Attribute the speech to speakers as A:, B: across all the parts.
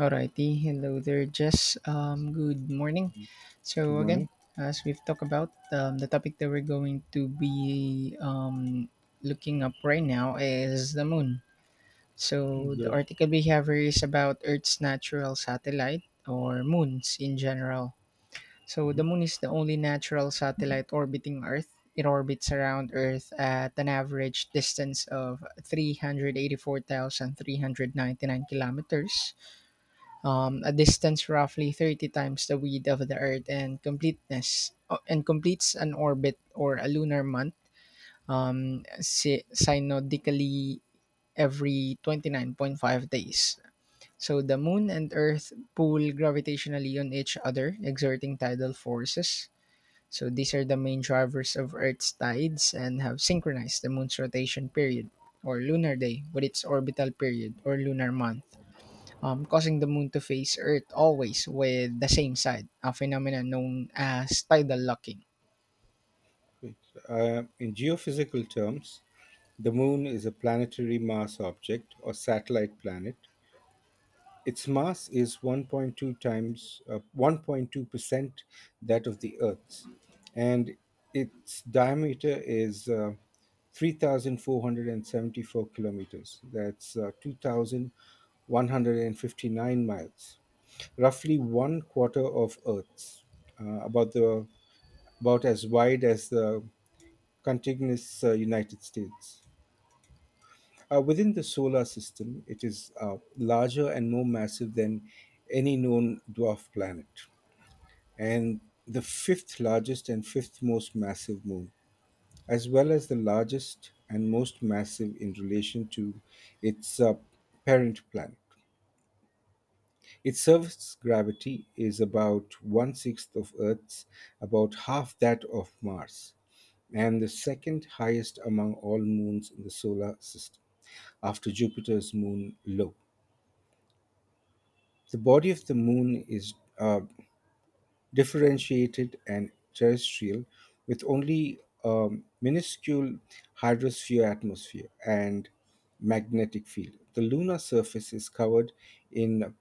A: Alrighty, hello there, Jess. Good morning.
B: Good
A: So again,
B: morning.
A: as we've talked about, the topic that we're going to be looking up right now is the moon. So the
B: Good.
A: article we have here is about Earth's natural satellite or moons in general. So
B: Uh-huh.
A: the moon is the only natural satellite orbiting Earth. It orbits around Earth at an average distance of 384,399 kilometers, a distance roughly 30 times the width of the Earth, and completeness and completes an orbit or a lunar month, synodically, every 29.5 days. So the moon and earth pull gravitationally on each other, exerting tidal forces. So these are the main drivers of earth's tides and have synchronized the moon's rotation period or lunar day with its orbital period or lunar month, causing the moon to face Earth always with the same side, a phenomenon known as tidal locking.
B: Great. In geophysical terms, the moon is a planetary mass object or satellite planet. Its mass is 1.2 times 1.2% that of the Earth's, and its diameter is 3,474 kilometers. That's 2,159 miles, roughly one quarter of Earth's, uh, about the about as wide as the contiguous United States. Within the solar system, it is larger and more massive than any known dwarf planet, and the fifth largest and fifth most massive moon, as well as the largest and most massive in relation to its parent planet. Its surface gravity is about one sixth of Earth's, about half that of Mars, and the second highest among all moons in the solar system, after Jupiter's moon Io. The body of the moon is differentiated and terrestrial, with only a minuscule hydrosphere atmosphere and magnetic field. The lunar surface is covered in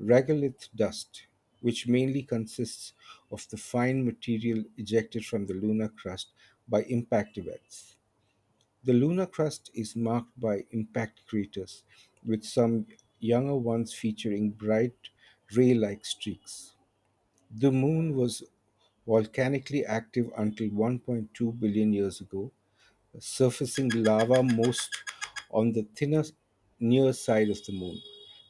B: regolith dust, which mainly consists of the fine material ejected from the lunar crust by impact events. The lunar crust is marked by impact craters, with some younger ones featuring bright ray like streaks. The Moon was volcanically active until 1.2 billion years ago, surfacing lava most on the thinner near side of the Moon,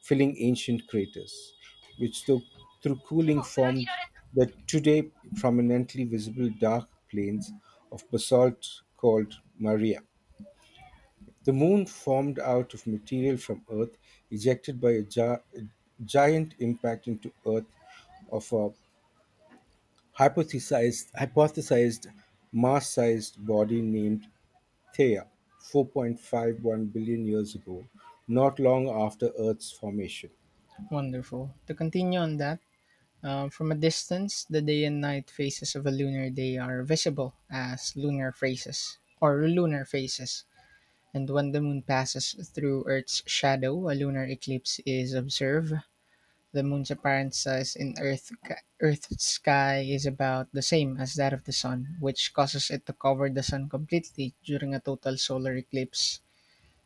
B: filling ancient craters, which though, through cooling formed the today prominently visible dark plains of basalt called Maria. The Moon formed out of material from Earth ejected by a giant impact into Earth of a hypothesized Mars-sized body named Theia 4.51 billion years ago, not long after Earth's formation.
A: Wonderful. To continue on that, from a distance, the day and night phases of a lunar day are visible as lunar phases or lunar phases. And when the moon passes through Earth's shadow, a lunar eclipse is observed. The moon's apparent size in Earth's sky is about the same as that of the sun, which causes it to cover the sun completely during a total solar eclipse.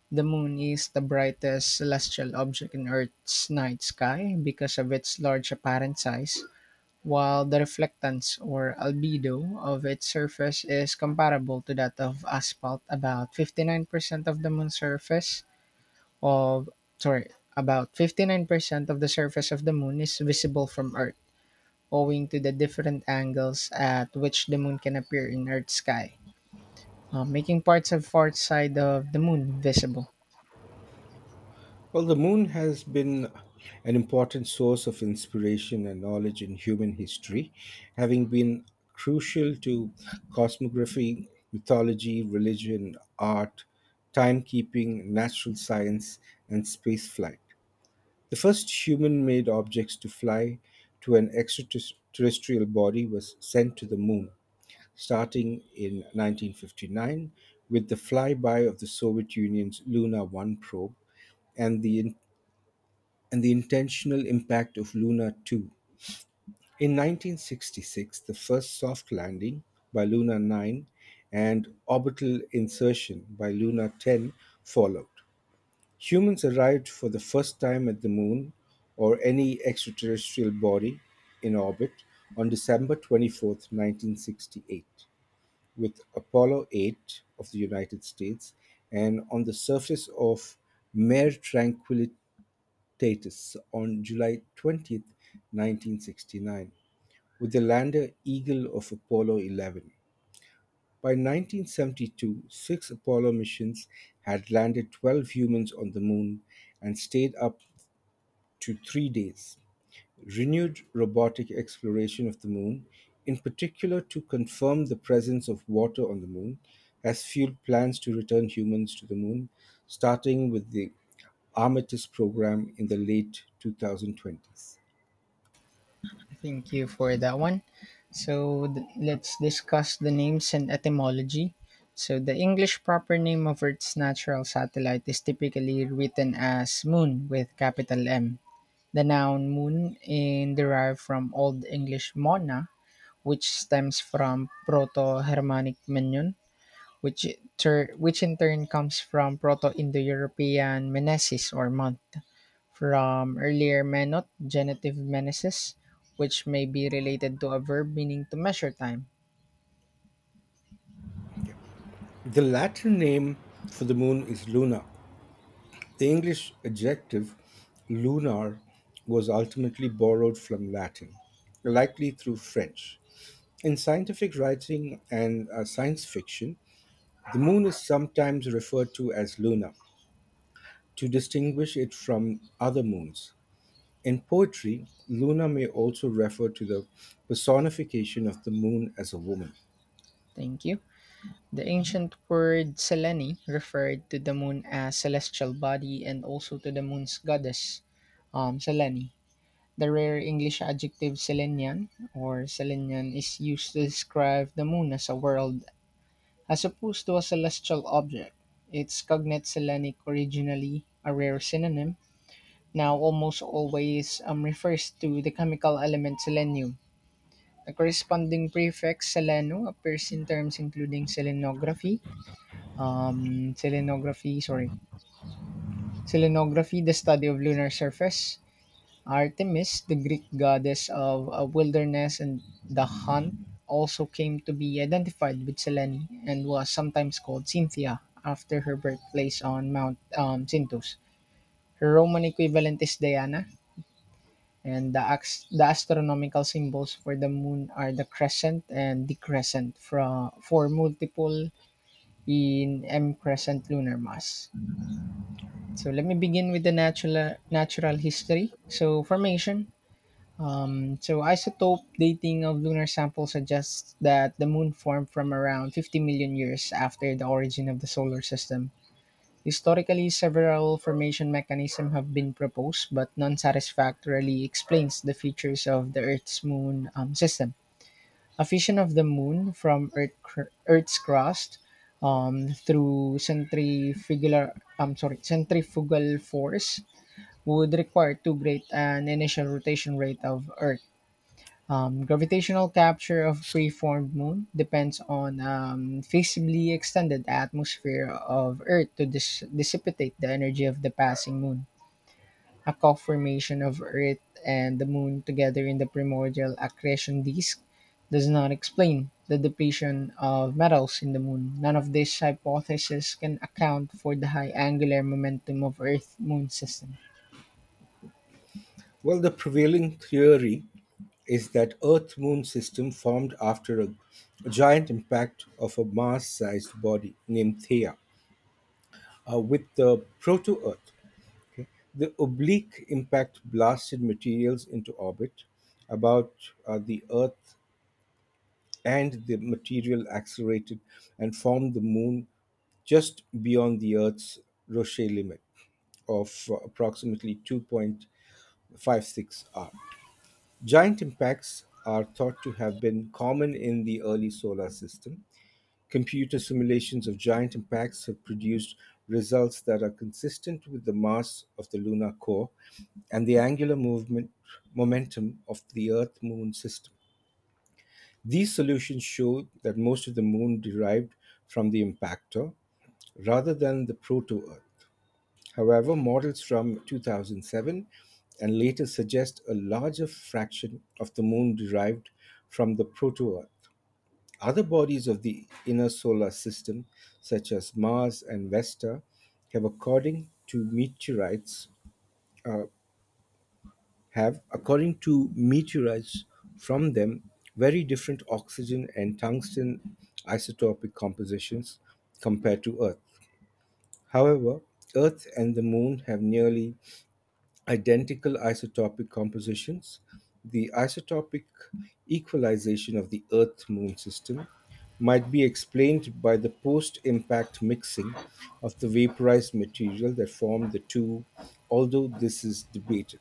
A: The moon is the brightest celestial object in Earth's night sky because of its large apparent size, while the reflectance or albedo of its surface is comparable to that of asphalt. About 59% of the moon's surface, of sorry, about 59% of the surface of the moon is visible from Earth, owing to the different angles at which the moon can appear in Earth's sky, making parts of far side of the moon visible.
B: Well, the moon has been an important source of inspiration and knowledge in human history, having been crucial to cosmography, mythology, religion, art, timekeeping, natural science, and spaceflight. The first human-made objects to fly to an extraterrestrial body was sent to the Moon, starting in 1959 with the flyby of the Soviet Union's Luna 1 probe and the, and the intentional impact of Luna 2. In 1966, the first soft landing by Luna 9 and orbital insertion by Luna 10 followed. Humans arrived for the first time at the Moon, or any extraterrestrial body in orbit, on December 24, 1968, with Apollo 8 of the United States and on the surface of Mare Tranquillitatis on July 20, 1969, with the lander Eagle of Apollo 11. By 1972, six Apollo missions had landed 12 humans on the moon and stayed up to 3 days, renewed robotic exploration of the moon, in particular to confirm the presence of water on the moon, has fueled plans to return humans to the moon, starting with the Artemis program in the late 2020s.
A: Thank you for that one. Let's discuss the names and etymology. So the English proper name of Earth's natural satellite is typically written as moon with capital M. The noun moon in derived from Old English mona, which stems from Proto-Germanic "menun," which which in turn comes from Proto-Indo-European "menesis" or month, from earlier "menot" genitive "meneses," which may be related to a verb meaning to measure time.
B: The Latin name for the moon is Luna. The English adjective lunar was ultimately borrowed from Latin, likely through French. In scientific writing and science fiction, the moon is sometimes referred to as Luna, to distinguish it from other moons. In poetry, Luna may also refer to the personification of the moon as a woman.
A: Thank you. The ancient word "selene" referred to the moon as celestial body and also to the moon's goddess, Selene. The rare English adjective "Selenian" or "Selenian" is used to describe the moon as a world as opposed to a celestial object. Its cognate "Selenic," originally a rare synonym, now almost always refers to the chemical element selenium. The corresponding prefix "seleno" appears in terms including um, selenography, sorry, selenography, the study of lunar surface. Artemis, the Greek goddess of wilderness and the hunt, also came to be identified with Selene and was sometimes called Cynthia after her birthplace on Mount Cynthus. Her Roman equivalent is Diana, and the astronomical symbols for the moon are the crescent and the crescent for multiple in M crescent lunar mass. So let me begin with the natural history. So formation. So isotope dating of lunar samples suggests that the moon formed from around 50 million years after the origin of the solar system. Historically, several formation mechanisms have been proposed, but none satisfactorily explains the features of the Earth's moon system. A fission of the moon from Earth's crust through centrifugal force would require too great an initial rotation rate of Earth. Gravitational capture of preformed moon depends on feasibly extended atmosphere of Earth to dissipate the energy of the passing moon. A co-formation of Earth and the moon together in the primordial accretion disk does not explain the depletion of metals in the moon. None of these hypotheses can account for the high angular momentum of Earth-Moon system.
B: Well, the prevailing theory is that Earth moon system formed after a giant impact of a Mars sized body named Theia with the proto Earth. The oblique impact blasted materials into orbit about the Earth and the material accelerated and formed the moon just beyond the Earth's Roche limit of approximately 2.56 R. Giant impacts are thought to have been common in the early solar system. Computer simulations of giant impacts have produced results that are consistent with the mass of the lunar core and the angular movement momentum of the Earth Moon system. These solutions show that most of the Moon derived from the impactor, rather than the proto-Earth. However, models from 2007 and later suggest a larger fraction of the Moon derived from the proto-Earth. Other bodies of the inner solar system, such as Mars and Vesta, have, according to meteorites, uh, have, according to meteorites from them, very different oxygen and tungsten isotopic compositions compared to Earth. However, Earth and the Moon have nearly identical isotopic compositions. The isotopic equalization of the Earth Moon system might be explained by the post impact mixing of the vaporized material that formed the two, although this is debated.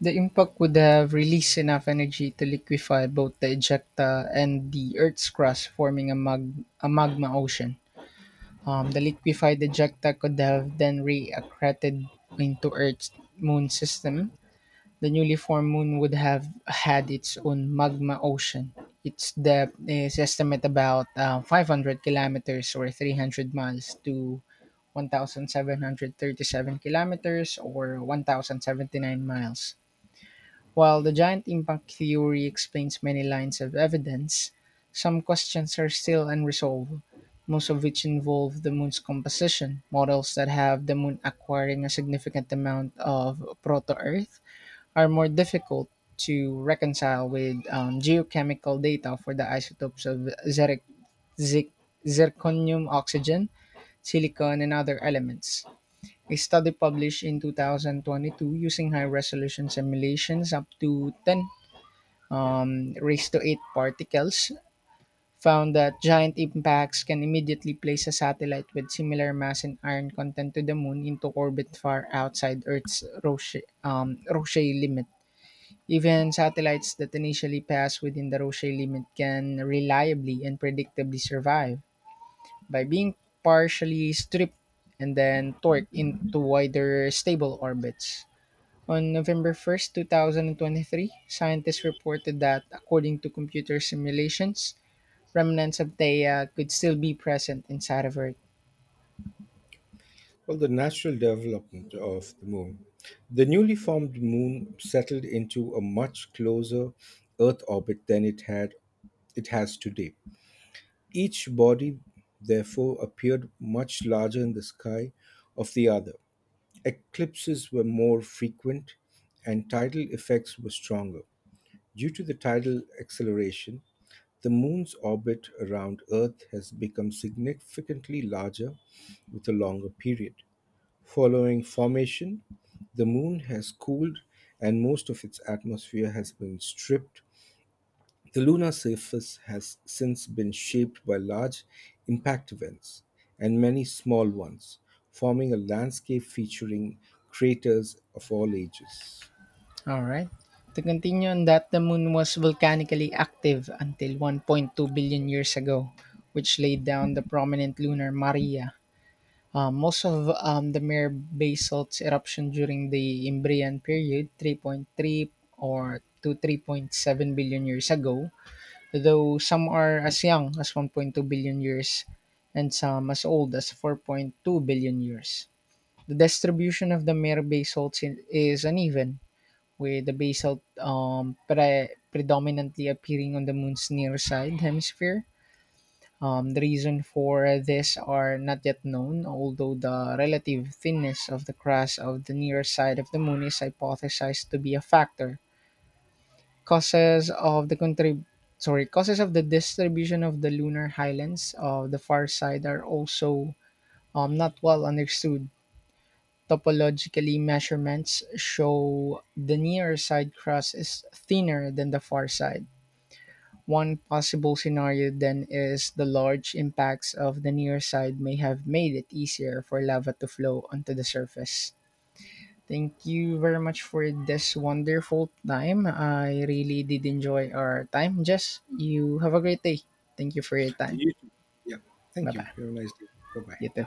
A: The impact would have released enough energy to liquefy both the ejecta and the Earth's crust, forming a magma ocean. The liquefied ejecta could have then re-accreted into Earth's moon system. The newly formed moon would have had its own magma ocean. Its depth is estimated about 500 kilometers or 300 miles to 1,737 kilometers or 1,079 miles. While the giant impact theory explains many lines of evidence, some questions are still unresolved, most of which involve the moon's composition. Models that have the moon acquiring a significant amount of proto Earth are more difficult to reconcile with geochemical data for the isotopes of zic, zirconium, oxygen, silicon, and other elements. A study published in 2022 using high resolution simulations up to 10, raised to 8 particles, found that giant impacts can immediately place a satellite with similar mass and iron content to the moon into orbit far outside Earth's Roche limit. Even satellites that initially pass within the Roche limit can reliably and predictably survive by being partially stripped and then torqued into wider stable orbits. On November 1st, 2023, scientists reported that, according to computer simulations, remnants of Theia could still be present inside of Earth.
B: Well, the natural development of the moon. The newly formed moon settled into a much closer Earth orbit than it has today. Each body therefore appeared much larger in the sky of the other. Eclipses were more frequent and tidal effects were stronger. Due to the tidal acceleration, the moon's orbit around Earth has become significantly larger with a longer period. Following formation, the Moon has cooled and most of its atmosphere has been stripped. The lunar surface has since been shaped by large impact events and many small ones, forming a landscape featuring craters of all ages.
A: All right. To continue on that, the moon was volcanically active until 1.2 billion years ago, which laid down the prominent lunar Maria. Most of the mare basalt's eruption during the Imbrian period, 3.3 or to 3.7 billion years ago, though some are as young as 1.2 billion years and some as old as 4.2 billion years. The distribution of the mare basalts is uneven, with the basalt predominantly appearing on the moon's near side hemisphere. The reason for this are not yet known, although the relative thinness of the crust of the near side of the moon is hypothesized to be a factor. Causes of the contrib- sorry causes of the distribution of the lunar highlands of the far side are also not well understood. Topologically measurements show the near side crust is thinner than the far side. One possible scenario then is the large impacts of the near side may have made it easier for lava to flow onto the surface. Thank you very much for this wonderful time. I really did enjoy our time. Jess, you have a great day. Thank you for your time.
B: You too. Yeah.
A: Bye
B: Thank you.
A: bye.
B: Have a nice day. Bye bye.
A: You too.